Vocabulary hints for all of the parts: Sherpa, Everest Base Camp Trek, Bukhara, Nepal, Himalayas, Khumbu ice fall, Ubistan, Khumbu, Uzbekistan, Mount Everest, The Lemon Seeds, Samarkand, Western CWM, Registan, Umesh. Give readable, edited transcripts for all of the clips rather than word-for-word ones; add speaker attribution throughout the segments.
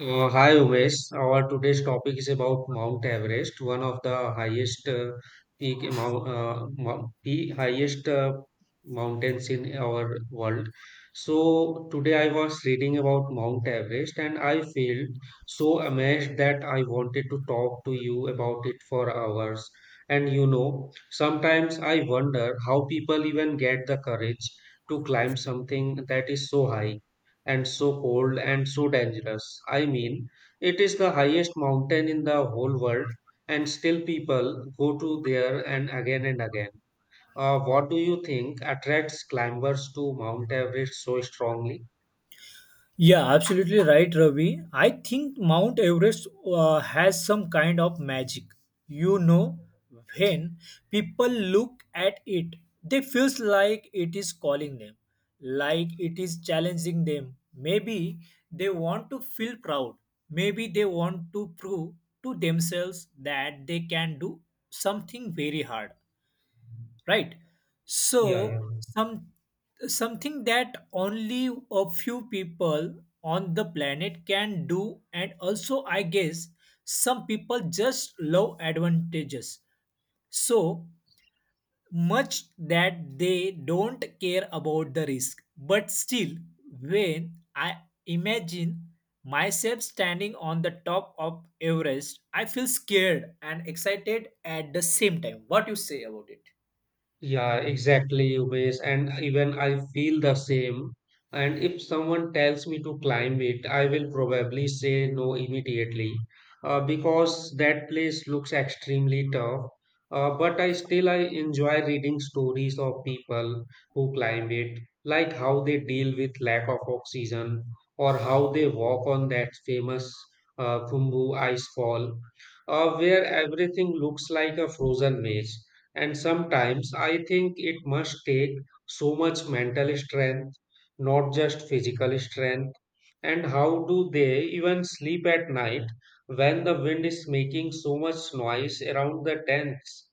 Speaker 1: Hi Umesh, our today's topic is about Mount Everest, one of the highest peak mou- mou- pe- highest mountains in our world. So today I was reading about Mount Everest and I felt so amazed that I wanted to talk to you about it for hours. And you know, sometimes I wonder how people even get the courage to climb something that is so high and so cold and so dangerous. I mean, it is the highest mountain in the whole world, and still people go to there and again and again. What do you think attracts climbers to Mount Everest so strongly?
Speaker 2: Yeah, absolutely right, Ravi. I think Mount Everest has some kind of magic. You know, when people look at it, they feels like it is calling them, like it is challenging them. Maybe they want to feel proud. Maybe they want to prove to themselves that they can do something very hard, right? So
Speaker 1: Yeah, yeah.
Speaker 2: some something that only a few people on the planet can do. And also I guess some people just love advantages so much that they don't care about the risk. But still, when I imagine myself standing on the top of Everest, I feel scared and excited at the same time. What you say about it?
Speaker 1: Yeah, exactly, Umesh. And even I feel the same. And if someone tells me to climb it, I will probably say no immediately because that place looks extremely tough. But I still I enjoy reading stories of people who climb it, like how they deal with lack of oxygen or how they walk on that famous Khumbu ice fall, where everything looks like a frozen maze. And sometimes I think it must take so much mental strength, not just physical strength. And how do they even sleep at night when the wind is making so much noise around the tents?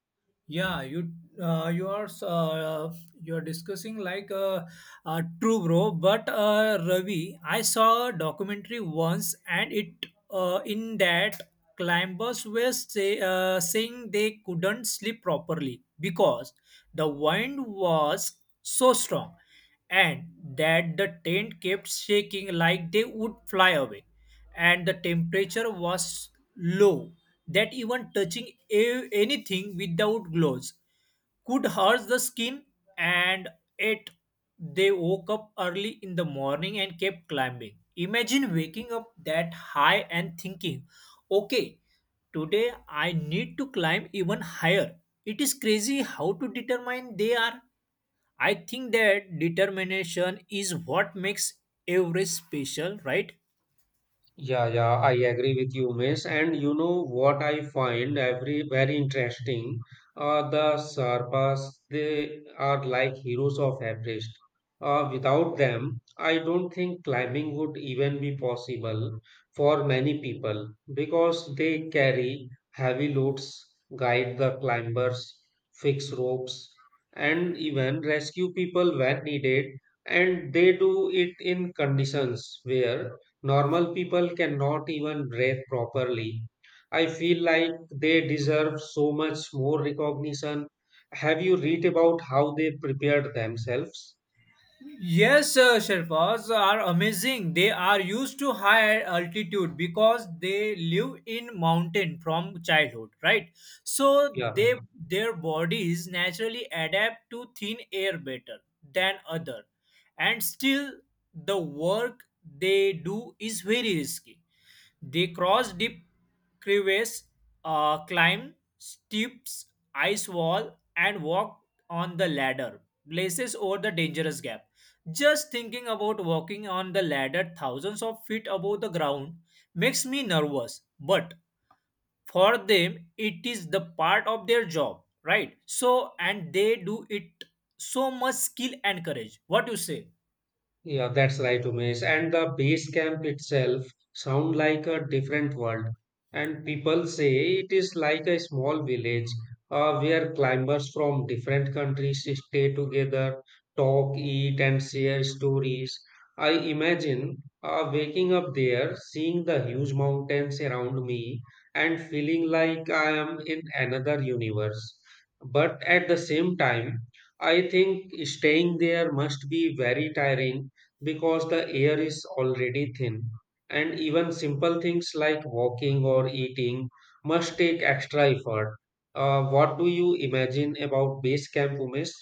Speaker 2: Yeah, you uh, you are uh, you are discussing like true, bro. But Ravi, I saw a documentary once, and it in that climbers were saying they couldn't sleep properly because the wind was so strong, and that the tent kept shaking like they would fly away, and the temperature was low that even touching anything without gloves could hurt the skin. And it they woke up early in the morning and kept climbing. Imagine waking up that high and thinking, okay, today I need to climb even higher. It is crazy how to determine they are. I think that determination is what makes every special, right?
Speaker 1: Yeah, yeah, I agree with you, Miss. And you know what I find every very interesting? The Sherpas, they are like heroes of Everest. Without them, I don't think climbing would even be possible for many people because they carry heavy loads, guide the climbers, fix ropes, and even rescue people when needed. And they do it in conditions where normal people cannot even breathe properly. I feel like they deserve so much more recognition. Have you read about how they prepared themselves?
Speaker 2: Yes, Sherpas are amazing. They are used to higher altitude because they live in mountain from childhood, right? So
Speaker 1: Yeah.
Speaker 2: they their bodies naturally adapt to thin air better than other, and still the work they do is very risky. They cross deep crevasse, climb steep ice wall, and walk on the ladder, places over the dangerous gap. Just thinking about walking on the ladder thousands of feet above the ground makes me nervous. But for them, it is the part of their job, right? So, and they do it so much skill and courage. What do you say?
Speaker 1: Yeah, that's right, Umesh. And the base camp itself sound like a different world. And people say it is like a small village where climbers from different countries stay together, talk, eat, and share stories. I imagine waking up there, seeing the huge mountains around me, and feeling like I am in another universe. But at the same time, I think staying there must be very tiring because the air is already thin, and even simple things like walking or eating must take extra effort. What do you imagine about base camp, Umesh?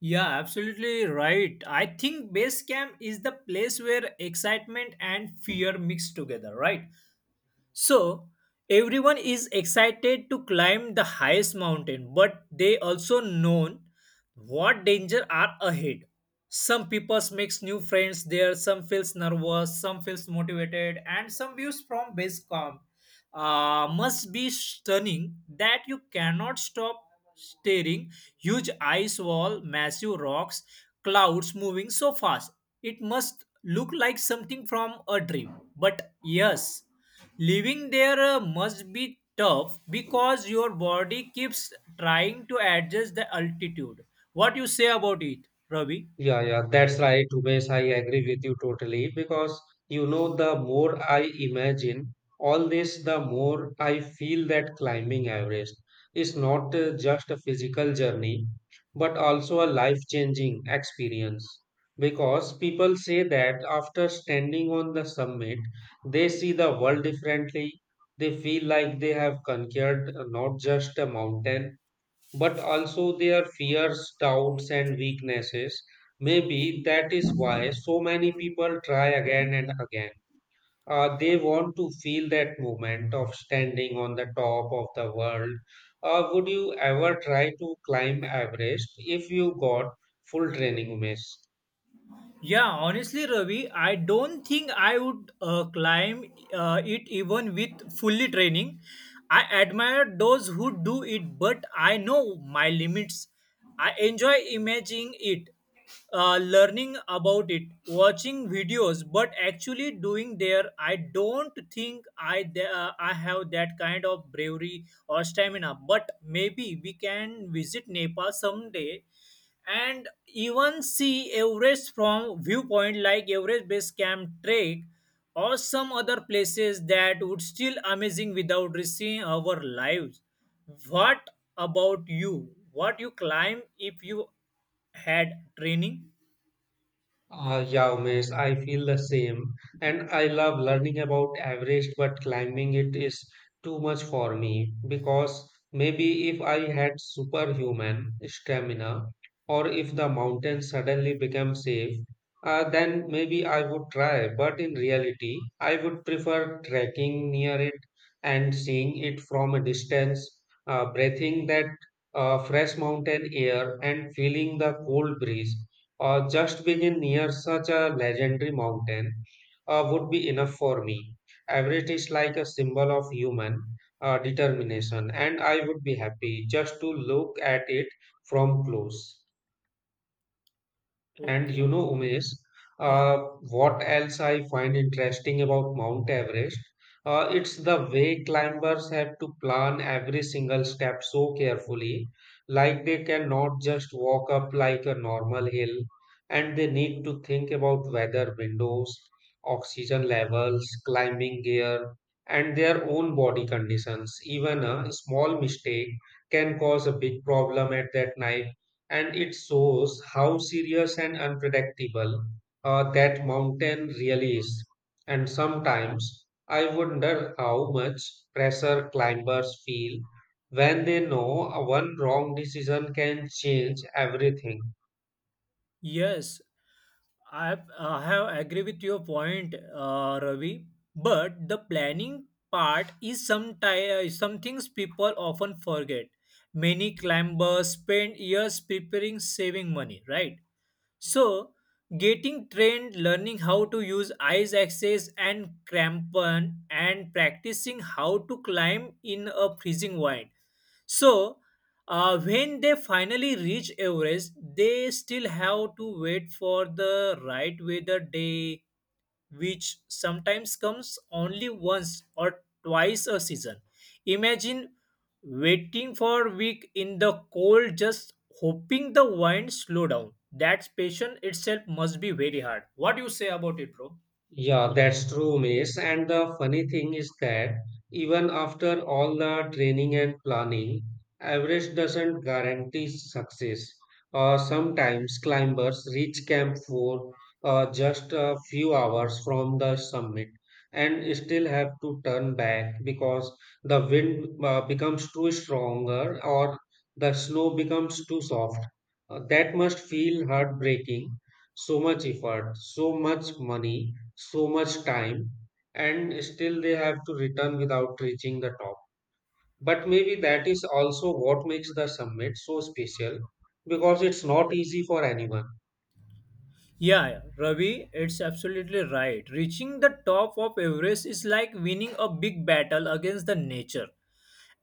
Speaker 2: Yeah, absolutely right. I think base camp is the place where excitement and fear mix together, right? So, everyone is excited to climb the highest mountain, but they also know what danger are ahead. Some people makes new friends there, some feels nervous, some feels motivated, and some views from base camp must be stunning that you cannot stop staring. Huge ice wall, massive rocks, clouds moving so fast. It must look like something from a dream. But yes, living there must be tough because your body keeps trying to adjust the altitude. What you say about it, Ravi?
Speaker 1: Yeah, yeah, that's right, Umesh. I agree with you totally because you know, the more I imagine all this, the more I feel that climbing Everest is not just a physical journey but also a life-changing experience. Because people say that after standing on the summit, they see the world differently. They feel like they have conquered not just a mountain but also their fears, doubts, and weaknesses. Maybe that is why so many people try again and again. They want to feel that moment of standing on the top of the world. Would you ever try to climb Everest if you got full training, Umesh?
Speaker 2: Yeah, honestly, Ravi, I don't think I would climb it even with fully training. I admire those who do it, but I know my limits. I enjoy imagining it, learning about it, watching videos, but actually doing there, I don't think I I have that kind of bravery or stamina. But maybe we can visit Nepal someday and even see Everest from viewpoint like Everest Base Camp Trek or some other places that would still amazing without risking our lives. What about you? What you climb if you had training?
Speaker 1: Ah, yeah, Umesh, I feel the same. And I love learning about Everest, but climbing it is too much for me because maybe if I had superhuman stamina or if the mountain suddenly became safe, then maybe I would try. But in reality, I would prefer trekking near it and seeing it from a distance, breathing that fresh mountain air and feeling the cold breeze or just being near such a legendary mountain would be enough for me. Everett is like a symbol of human determination, and I would be happy just to look at it from close. And you
Speaker 2: Okay.
Speaker 1: know, Umesh,
Speaker 2: Yeah.
Speaker 1: uh, what else I find interesting about Mount Everest? It's the way climbers have to plan every single step so carefully. Like they cannot just walk up like a normal hill, and they need to think about weather windows, oxygen levels, climbing gear, and their own body conditions. Even a small mistake can cause a big problem at that night and it shows how serious and unpredictable that mountain really is. And sometimes I wonder how much pressure climbers feel when they know a one wrong decision can change everything.
Speaker 2: Yes. I have agree with your point, Ravi. But the planning part is some things people often forget. Many climbers spend years preparing, saving money, right? So getting trained, learning how to use ice axes and crampon, and practicing how to climb in a freezing wind so, when they finally reach Everest, they still have to wait for the right weather day, which sometimes comes only once or twice a season. Imagine waiting for a week in the cold, just hoping the wind slow down. That patient itself must be very hard. What do you say about it, bro?
Speaker 1: Yeah, that's true, Miss. And the funny thing is that even after all the training and planning, Everest doesn't guarantee success. Sometimes climbers reach camp Four, just a few hours from the summit and still have to turn back because the wind becomes too stronger or the snow becomes too soft. That must feel heartbreaking. So much effort, so much money so much time and still they have to return without reaching the top. But maybe that is also what makes the summit so special because it's not easy for anyone.
Speaker 2: Yeah, yeah, Ravi, it's absolutely right. Reaching the top of Everest is like winning a big battle against the nature,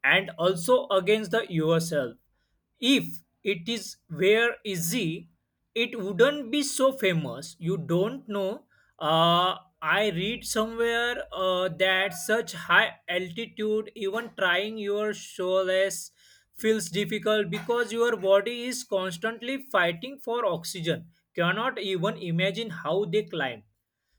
Speaker 2: and also against the yourself. If it is were easy, it wouldn't be so famous. You don't know. I read somewhere that such high altitude, even trying your shoulders feels difficult because your body is constantly fighting for oxygen. Cannot even imagine how they climb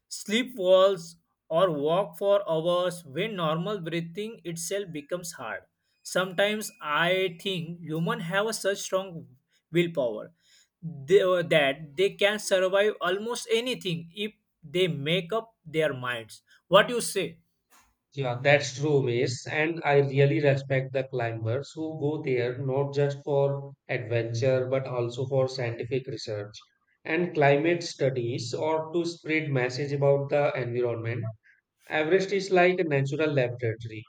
Speaker 2: sleep walls, or walk for hours when normal breathing itself becomes hard. Sometimes I think humans have such strong willpower they- that they can survive almost anything if they make up their minds. What you say?
Speaker 1: Yeah, that's true, Mace. And I really respect the climbers who go there not just for adventure but also for scientific research and climate studies or to spread message about the environment. Everest is like a natural laboratory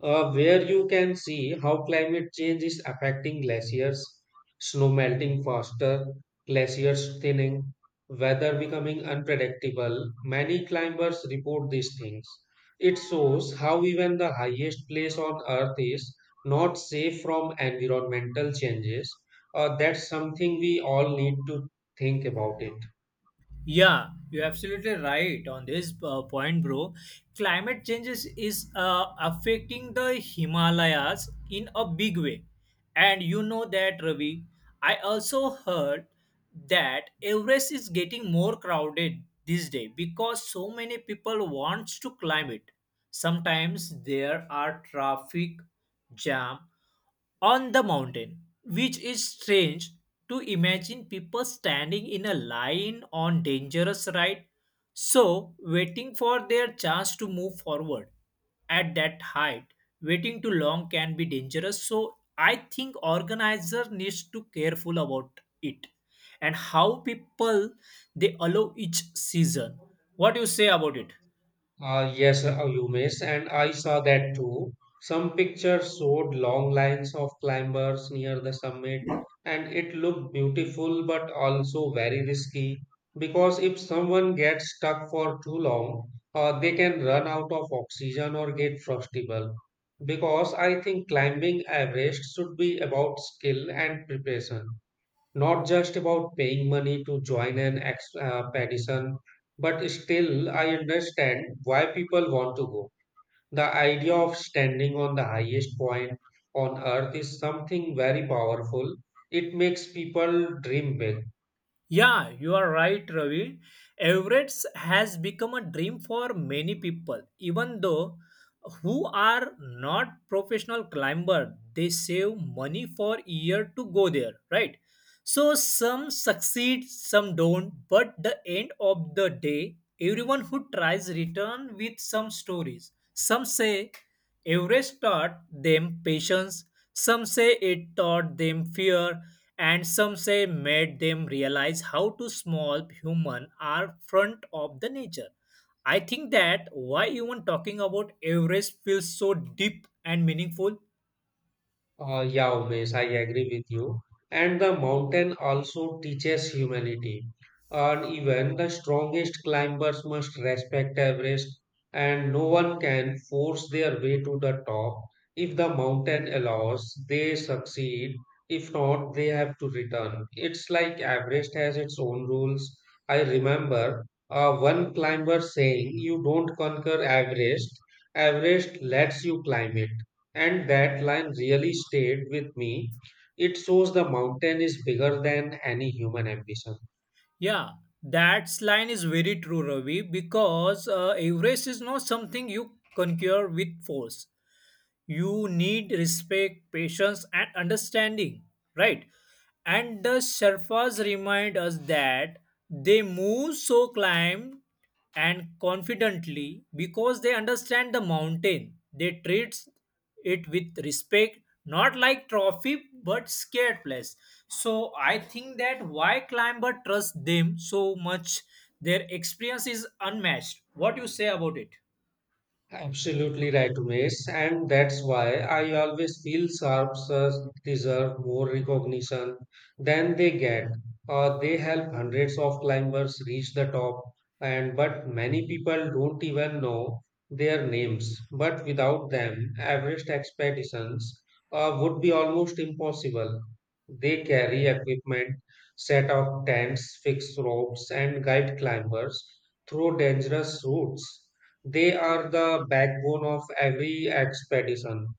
Speaker 1: where you can see how climate change is affecting glaciers, snow melting faster, glaciers thinning, weather becoming unpredictable. Many climbers report these things. It shows how even the highest place on earth is not safe from environmental changes. That's something we all need to think about it.
Speaker 2: Yeah, you're absolutely right on this point, bro. Climate changes is affecting the Himalayas in a big way. And you know that, Ravi. I also heard that Everest is getting more crowded this day because so many people wants to climb it. Sometimes there are traffic jam on the mountain, which is strange, to imagine people standing in a line on dangerous ride, so waiting for their chance to move forward. At that height, waiting too long can be dangerous, so I think organizer needs to careful about it and how people they allow each season. What do you say about it?
Speaker 1: Yes, Umesh, and I saw that too. Some pictures showed long lines of climbers near the summit, and it looked beautiful but also very risky because if someone gets stuck for too long, they can run out of oxygen or get frostable. Because I think climbing Everest should be about skill and preparation, not just about paying money to join an expedition, but still, I understand why people want to go. The idea of standing on the highest point on earth is something very powerful. It makes people dream big.
Speaker 2: Yeah, you are right, Ravi. Everett's has become a dream for many people, even though who are not professional climber, they save money for year to go there, right? So some succeed, some don't, but the end of the day, everyone who tries return with some stories. Some say Everest taught them patience, some say it taught them fear, and some say made them realize how too small human are front of the nature. I think that why even talking about Everest feels so deep and meaningful.
Speaker 1: Yeah, Umesh, I agree with you. And the mountain also teaches humanity. And even the strongest climbers must respect Everest, and no one can force their way to the top. If the mountain allows, they succeed. If not, they have to return. It's like Everest has its own rules. I remember one climber saying, "You don't conquer Everest, Everest lets you climb it." And that line really stayed with me. It shows the mountain is bigger than any human ambition.
Speaker 2: Yeah, that line is very true, Ravi, because Everest is not something you conquer with force. You need respect, patience, and understanding, right? And the Sherpas remind us that they move so climb and confidently because they understand the mountain. They treat it with respect, not like trophy but scared place. So I think that why climber trust them so much. Their experience is unmatched. What you say about it?
Speaker 1: Absolutely right, Umesh, and that's why I always feel sharps deserve more recognition than they get. They help hundreds of climbers reach the top, and but many people don't even know their names. But without them, Everest expeditions would be almost impossible. They carry equipment, set up tents, fix ropes, and guide climbers through dangerous routes they are the backbone of every expedition.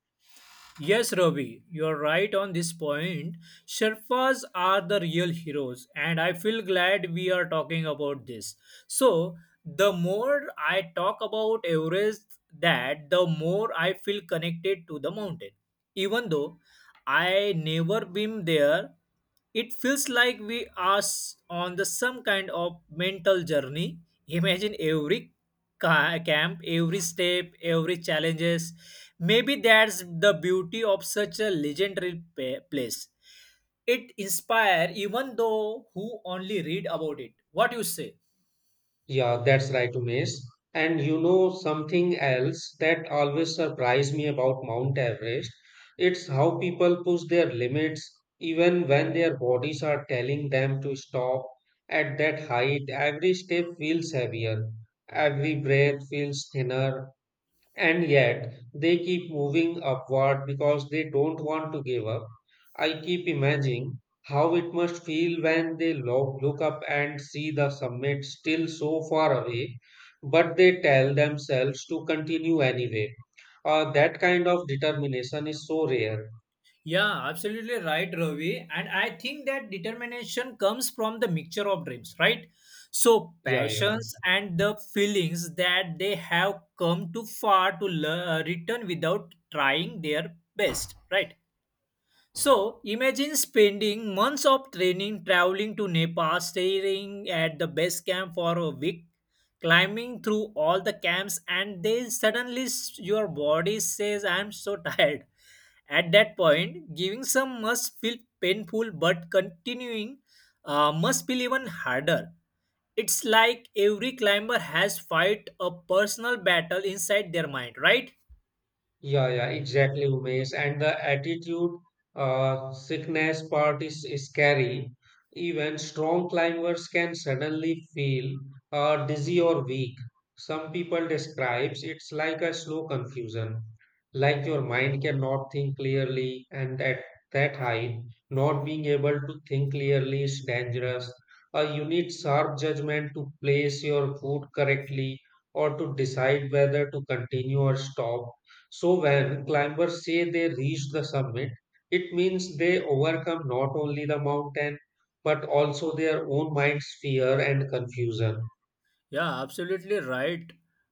Speaker 2: Yes, Ravi, you're right on this point. Sherpas are the real heroes, and I feel glad we are talking about this. So, the more I talk about Everest, that the more I feel connected to the mountain. Even though I never been there, it feels like we are on the some kind of mental journey. Imagine every camp, every step, every challenges. Maybe that's the beauty of such a legendary place. It inspire even though who only read about it. What you say?
Speaker 1: Yeah, that's right, Umesh. And you know something else that always surprised me about Mount Everest? It's how people push their limits even when their bodies are telling them to stop. At that height, every step feels heavier, every breath feels thinner, and yet they keep moving upward because they don't want to give up. I keep imagining how it must feel when they look up and see the summit still so far away, but they tell themselves to continue anyway. That kind of determination is so rare.
Speaker 2: Yeah, absolutely right, Ravi. And I think that determination comes from the mixture of dreams, right? So
Speaker 1: Yeah, yeah.
Speaker 2: passions and the feelings that they have come too far to return without trying their best, right? So imagine spending months of training, traveling to Nepal, staying at the base camp for a week, climbing through all the camps, and then suddenly your body says, I'm so tired. At that point, giving some must feel painful, but continuing must feel even harder. It's like every climber has fight a personal battle inside their mind, right?
Speaker 1: Yeah, yeah, exactly, Umesh. And the attitude sickness part is scary. Even strong climbers can suddenly feel dizzy or weak. Some people describes it's like a slow confusion, like your mind cannot think clearly, and at that height, not being able to think clearly is dangerous. You need sharp judgment to place your foot correctly or to decide whether to continue or stop so when climbers say they reached the summit, it means they overcome not only the mountain, but also their own mind's fear and confusion.
Speaker 2: Yeah, absolutely right,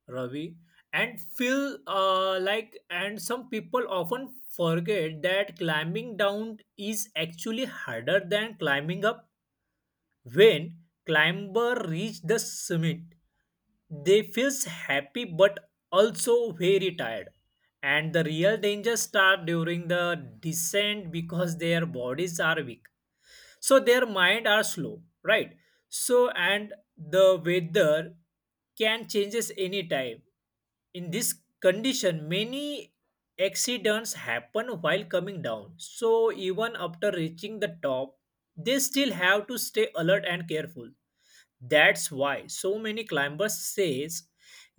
Speaker 2: Ravi. And feel like, and some people often forget that climbing down is actually harder than climbing up. When climber reach the summit, they feels happy but also very tired. And the real danger start during the descent because their bodies are weak, so their mind are slow, right? So and the weather can changes anytime. In this condition, many accidents happen while coming down. So even after reaching the top, they still have to stay alert and careful. That's why so many climbers says,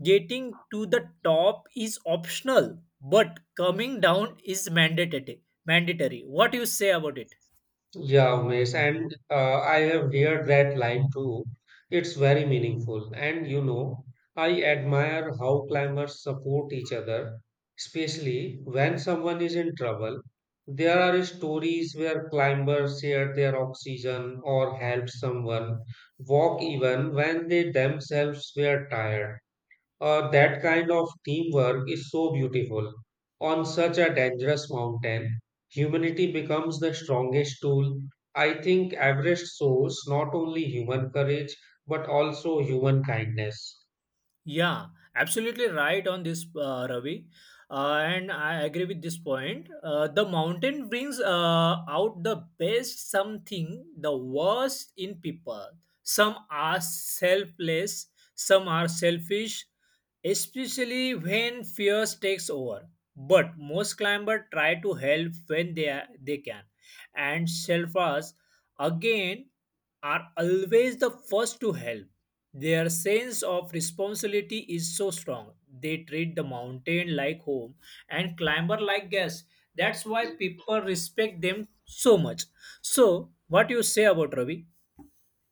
Speaker 2: getting to the top is optional, but coming down is mandatory, mandatory. What do you say about it?
Speaker 1: Yeah, Umesh, and I have heard that line too. It's very meaningful. And you know, I admire how climbers support each other, especially when someone is in trouble. There are stories where climbers share their oxygen or help someone walk even when they themselves were tired. That kind of teamwork is so beautiful. On such a dangerous mountain, humanity becomes the strongest tool. I think Everest shows not only human courage but also human kindness.
Speaker 2: Yeah, absolutely right on this, Ravi. And I agree with this point. The mountain brings out the best something, the worst in people. Some are selfless, some are selfish, especially when fear takes over. But most climbers try to help when they can. And selfers again are always the first to help. Their sense of responsibility is so strong. They treat the mountain like home and climber like guests. That's why people respect them so much. So, what you say about Ravi?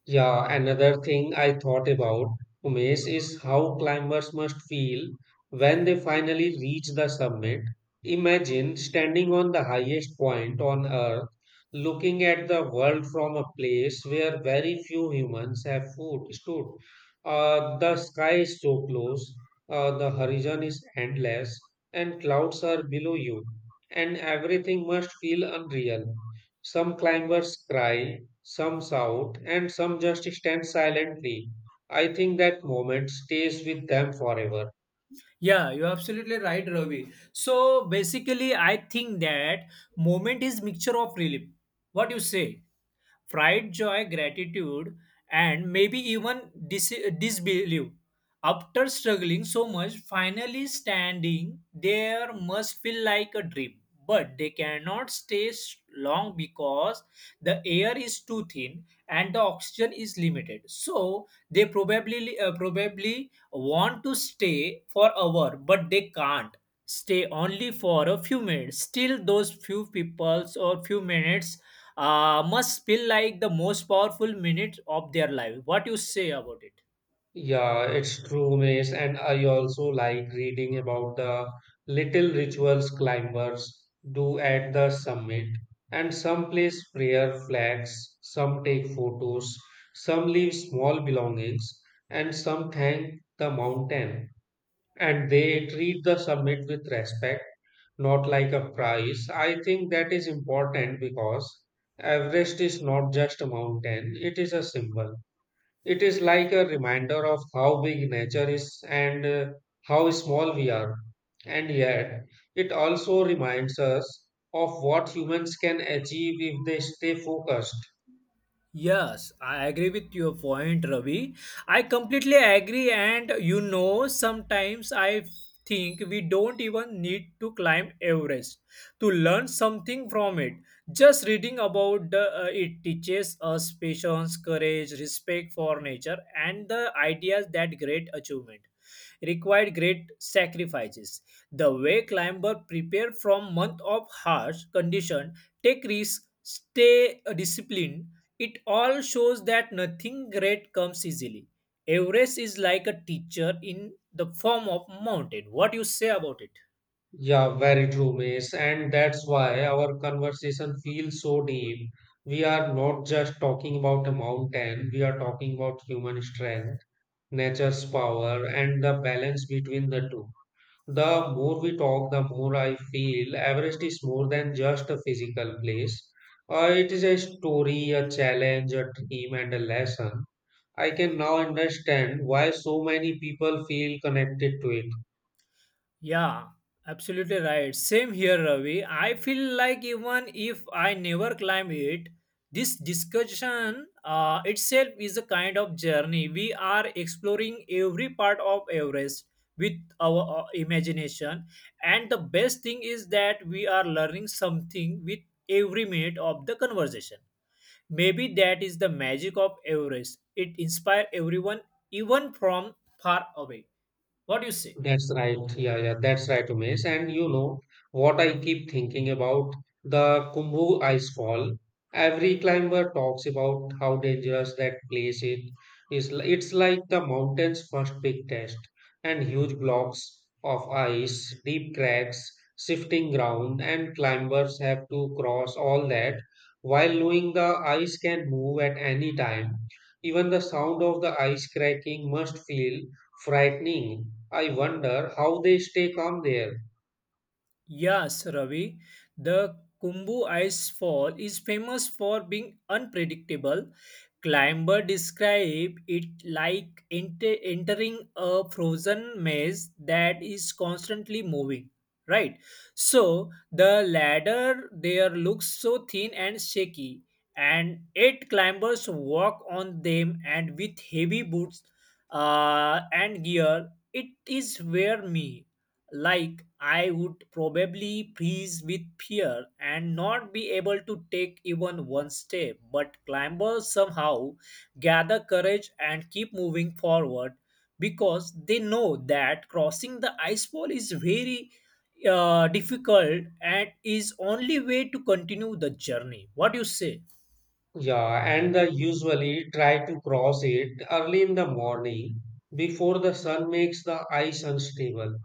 Speaker 1: Yeah, another thing I thought about, Umesh, is how climbers must feel when they finally reach the summit. Imagine standing on the highest point on Earth, looking at the world from a place where very few humans have foot, stood. The sky is so close, the horizon is endless, and clouds are below you, and everything must feel unreal. Some climbers cry some shout and some just stand silently. I think that moment stays with them forever.
Speaker 2: Yeah, you're absolutely right, Ravi. So basically, I think that moment is mixture of relief. What you say? Pride, joy, gratitude, and maybe even disbelief. After struggling so much, finally standing there must feel like a dream. But they cannot stay long because the air is too thin and the oxygen is limited. So they probably probably want to stay for hour, but they can't stay only for a few minutes. Still, those few peoples or few minutes must feel like the most powerful minute of their life. What you say about it?
Speaker 1: Yeah, it's true, Mace, and I also like reading about the little rituals climbers do at the summit. And some place prayer flags, some take photos, some leave small belongings, and some thank the mountain, and they treat the summit with respect, not like a prize. I think that is important because Everest is not just a mountain, it is a symbol. It is like a reminder of how big nature is and how small we are. And yet, it also reminds us of what humans can achieve if they stay focused.
Speaker 2: Yes, I agree with your point, Ravi. I completely agree, and you know, sometimes I think we don't even need to climb Everest to learn something from it. Just reading about it teaches us patience, courage, respect for nature, and the ideas that great achievement required great sacrifices. The way climbers prepare from month of harsh condition, take risks, stay disciplined, it all shows that nothing great comes easily. Everest is like a teacher in the form of mountain. What you say about it?
Speaker 1: Yeah, very true, Mace. And that's why our conversation feels so deep. We are not just talking about a mountain, we are talking about human strength, nature's power, and the balance between the two. The more we talk, the more I feel Everest is more than just a physical place. It is a story, a challenge, a dream, and a lesson. I can now understand why so many people feel connected to it.
Speaker 2: Yeah, absolutely right. Same here, Ravi. I feel like even if I never climb it, this discussion itself is a kind of journey. We are exploring every part of Everest with our imagination, and the best thing is that we are learning something with every minute of the conversation. Maybe that is the magic of Everest. It inspires everyone, even from far away. What do you say?
Speaker 1: That's right. Yeah, that's right, Umesh. And you know what, I keep thinking about the Kumbu Icefall. Every climber talks about how dangerous that place it is. It's like the mountain's first big test, and huge blocks of ice, deep cracks, shifting ground, and climbers have to cross all that while knowing the ice can move at any time. Even the sound of the ice cracking must feel frightening. I wonder how they stay calm there.
Speaker 2: Yes, Ravi. The Kumbu ice fall is famous for being unpredictable. Climber describe it like entering a frozen maze that is constantly moving. Right. So the ladder there looks so thin and shaky, and eight climbers walk on them and with heavy boots and gear. It is wear me like I would probably freeze with fear and not be able to take even one step. But climbers somehow gather courage and keep moving forward because they know that crossing the ice wall is very difficult and is only way to continue the journey. What do you say?
Speaker 1: Yeah, and they usually try to cross it early in the morning before the sun makes the ice unstable.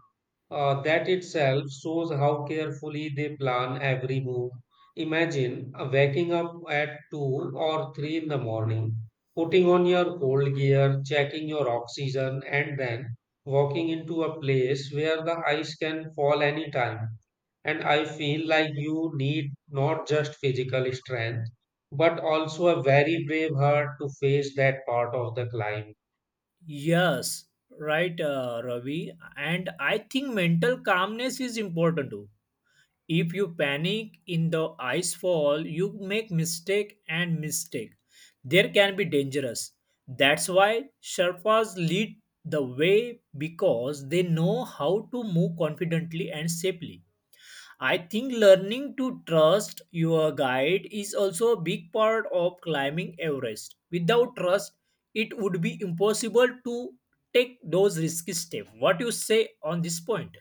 Speaker 1: That itself shows how carefully they plan every move. Imagine waking up at 2 or 3 in the morning, putting on your cold gear, checking your oxygen, and then walking into a place where the ice can fall anytime. And I feel like you need not just physical strength, but also a very brave heart to face that part of the climb.
Speaker 2: Yes, right, Ravi. And I think mental calmness is important too. If you panic in the ice fall, you make mistake and mistake. There can be dangerous. That's why Sherpas lead the way because they know how to move confidently and safely. I think learning to trust your guide is also a big part of climbing Everest. Without trust, it would be impossible to take those risky steps. What you say on this point?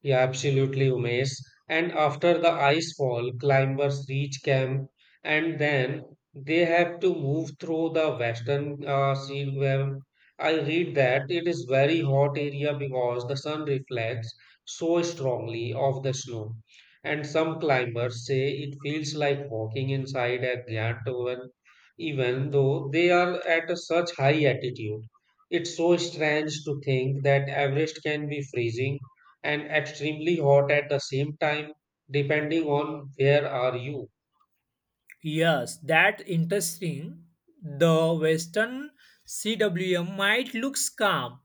Speaker 1: Yeah, absolutely, Umesh. And after the ice fall, climbers reach camp and then they have to move through the western sea, where I read that it is very hot area because the sun reflects so strongly off the snow. And some climbers say it feels like walking inside a giant oven, even though they are at a such high altitude. It's so strange to think that Everest can be freezing and extremely hot at the same time, depending on where are you.
Speaker 2: Yes, that interesting. The Western CWM might look calm,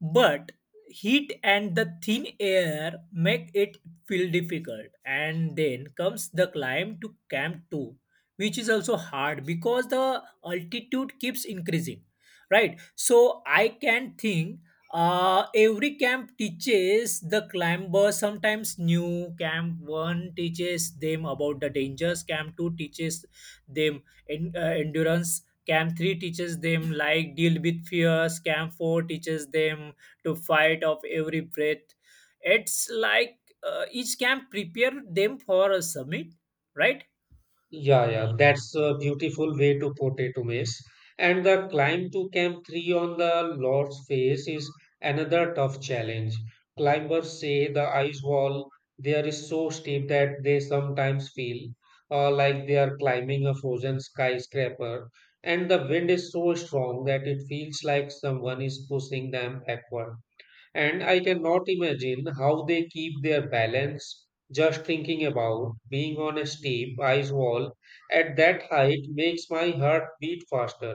Speaker 2: but heat and the thin air make it feel difficult. And then comes the climb to Camp 2, which is also hard because the altitude keeps increasing. Right? So I can think every camp teaches the climber sometimes new. Camp 1 teaches them about the dangers. Camp 2 teaches them endurance. Camp 3 teaches them like deal with fears. Camp 4 teaches them to fight of every breath. It's like each camp prepare them for a summit, right?
Speaker 1: Yeah, that's a beautiful way to put it, Umesh. And the climb to Camp 3 on the Lord's Face is another tough challenge. Climbers say the ice wall there is so steep that they sometimes feel like they are climbing a frozen skyscraper, and the wind is so strong that it feels like someone is pushing them backward. And I cannot imagine how they keep their balance. Just thinking about being on a steep ice wall at that height makes my heart beat faster.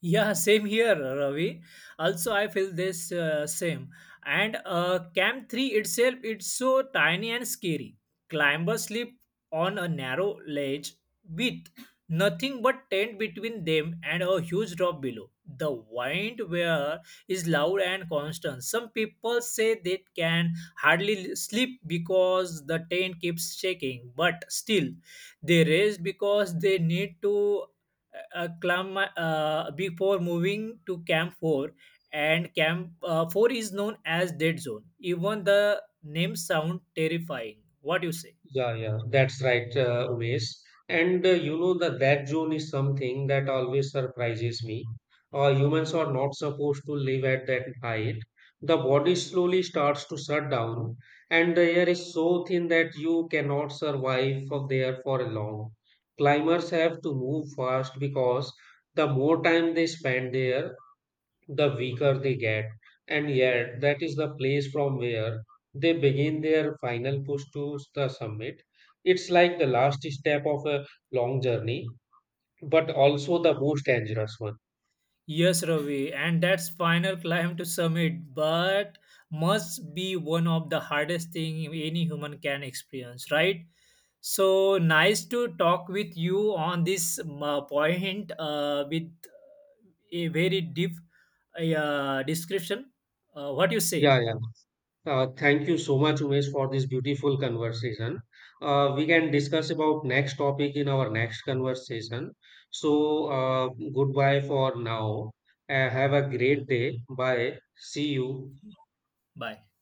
Speaker 2: Yeah, same here, Ravi. Also, I feel this same. And Camp 3 itself, it's so tiny and scary. Climbers sleep on a narrow ledge with nothing but tent between them and a huge drop below. The wind where is loud and constant. Some people say they can hardly sleep because the tent keeps shaking, but still they rest because they need to before moving to Camp 4, and Camp 4 is known as Dead Zone. Even the name sound terrifying. What do you say?
Speaker 1: Yeah, that's right, Umesh. And you know, the red zone is something that always surprises me. Humans are not supposed to live at that height. The body slowly starts to shut down, and the air is so thin that you cannot survive for there for a long. Climbers have to move fast because the more time they spend there, the weaker they get. And yet, that is the place from where they begin their final push to the summit. It's like the last step of a long journey, but also the most dangerous one.
Speaker 2: Yes, Ravi, and that's final climb to summit, but must be one of the hardest thing any human can experience, right? So nice to talk with you on this point with a very deep description. What you say?
Speaker 1: Yeah, yeah. Thank you so much, Umesh, for this beautiful conversation. We can discuss about next topic in our next conversation. So, goodbye for now. Have a great day. Bye. See you.
Speaker 2: Bye.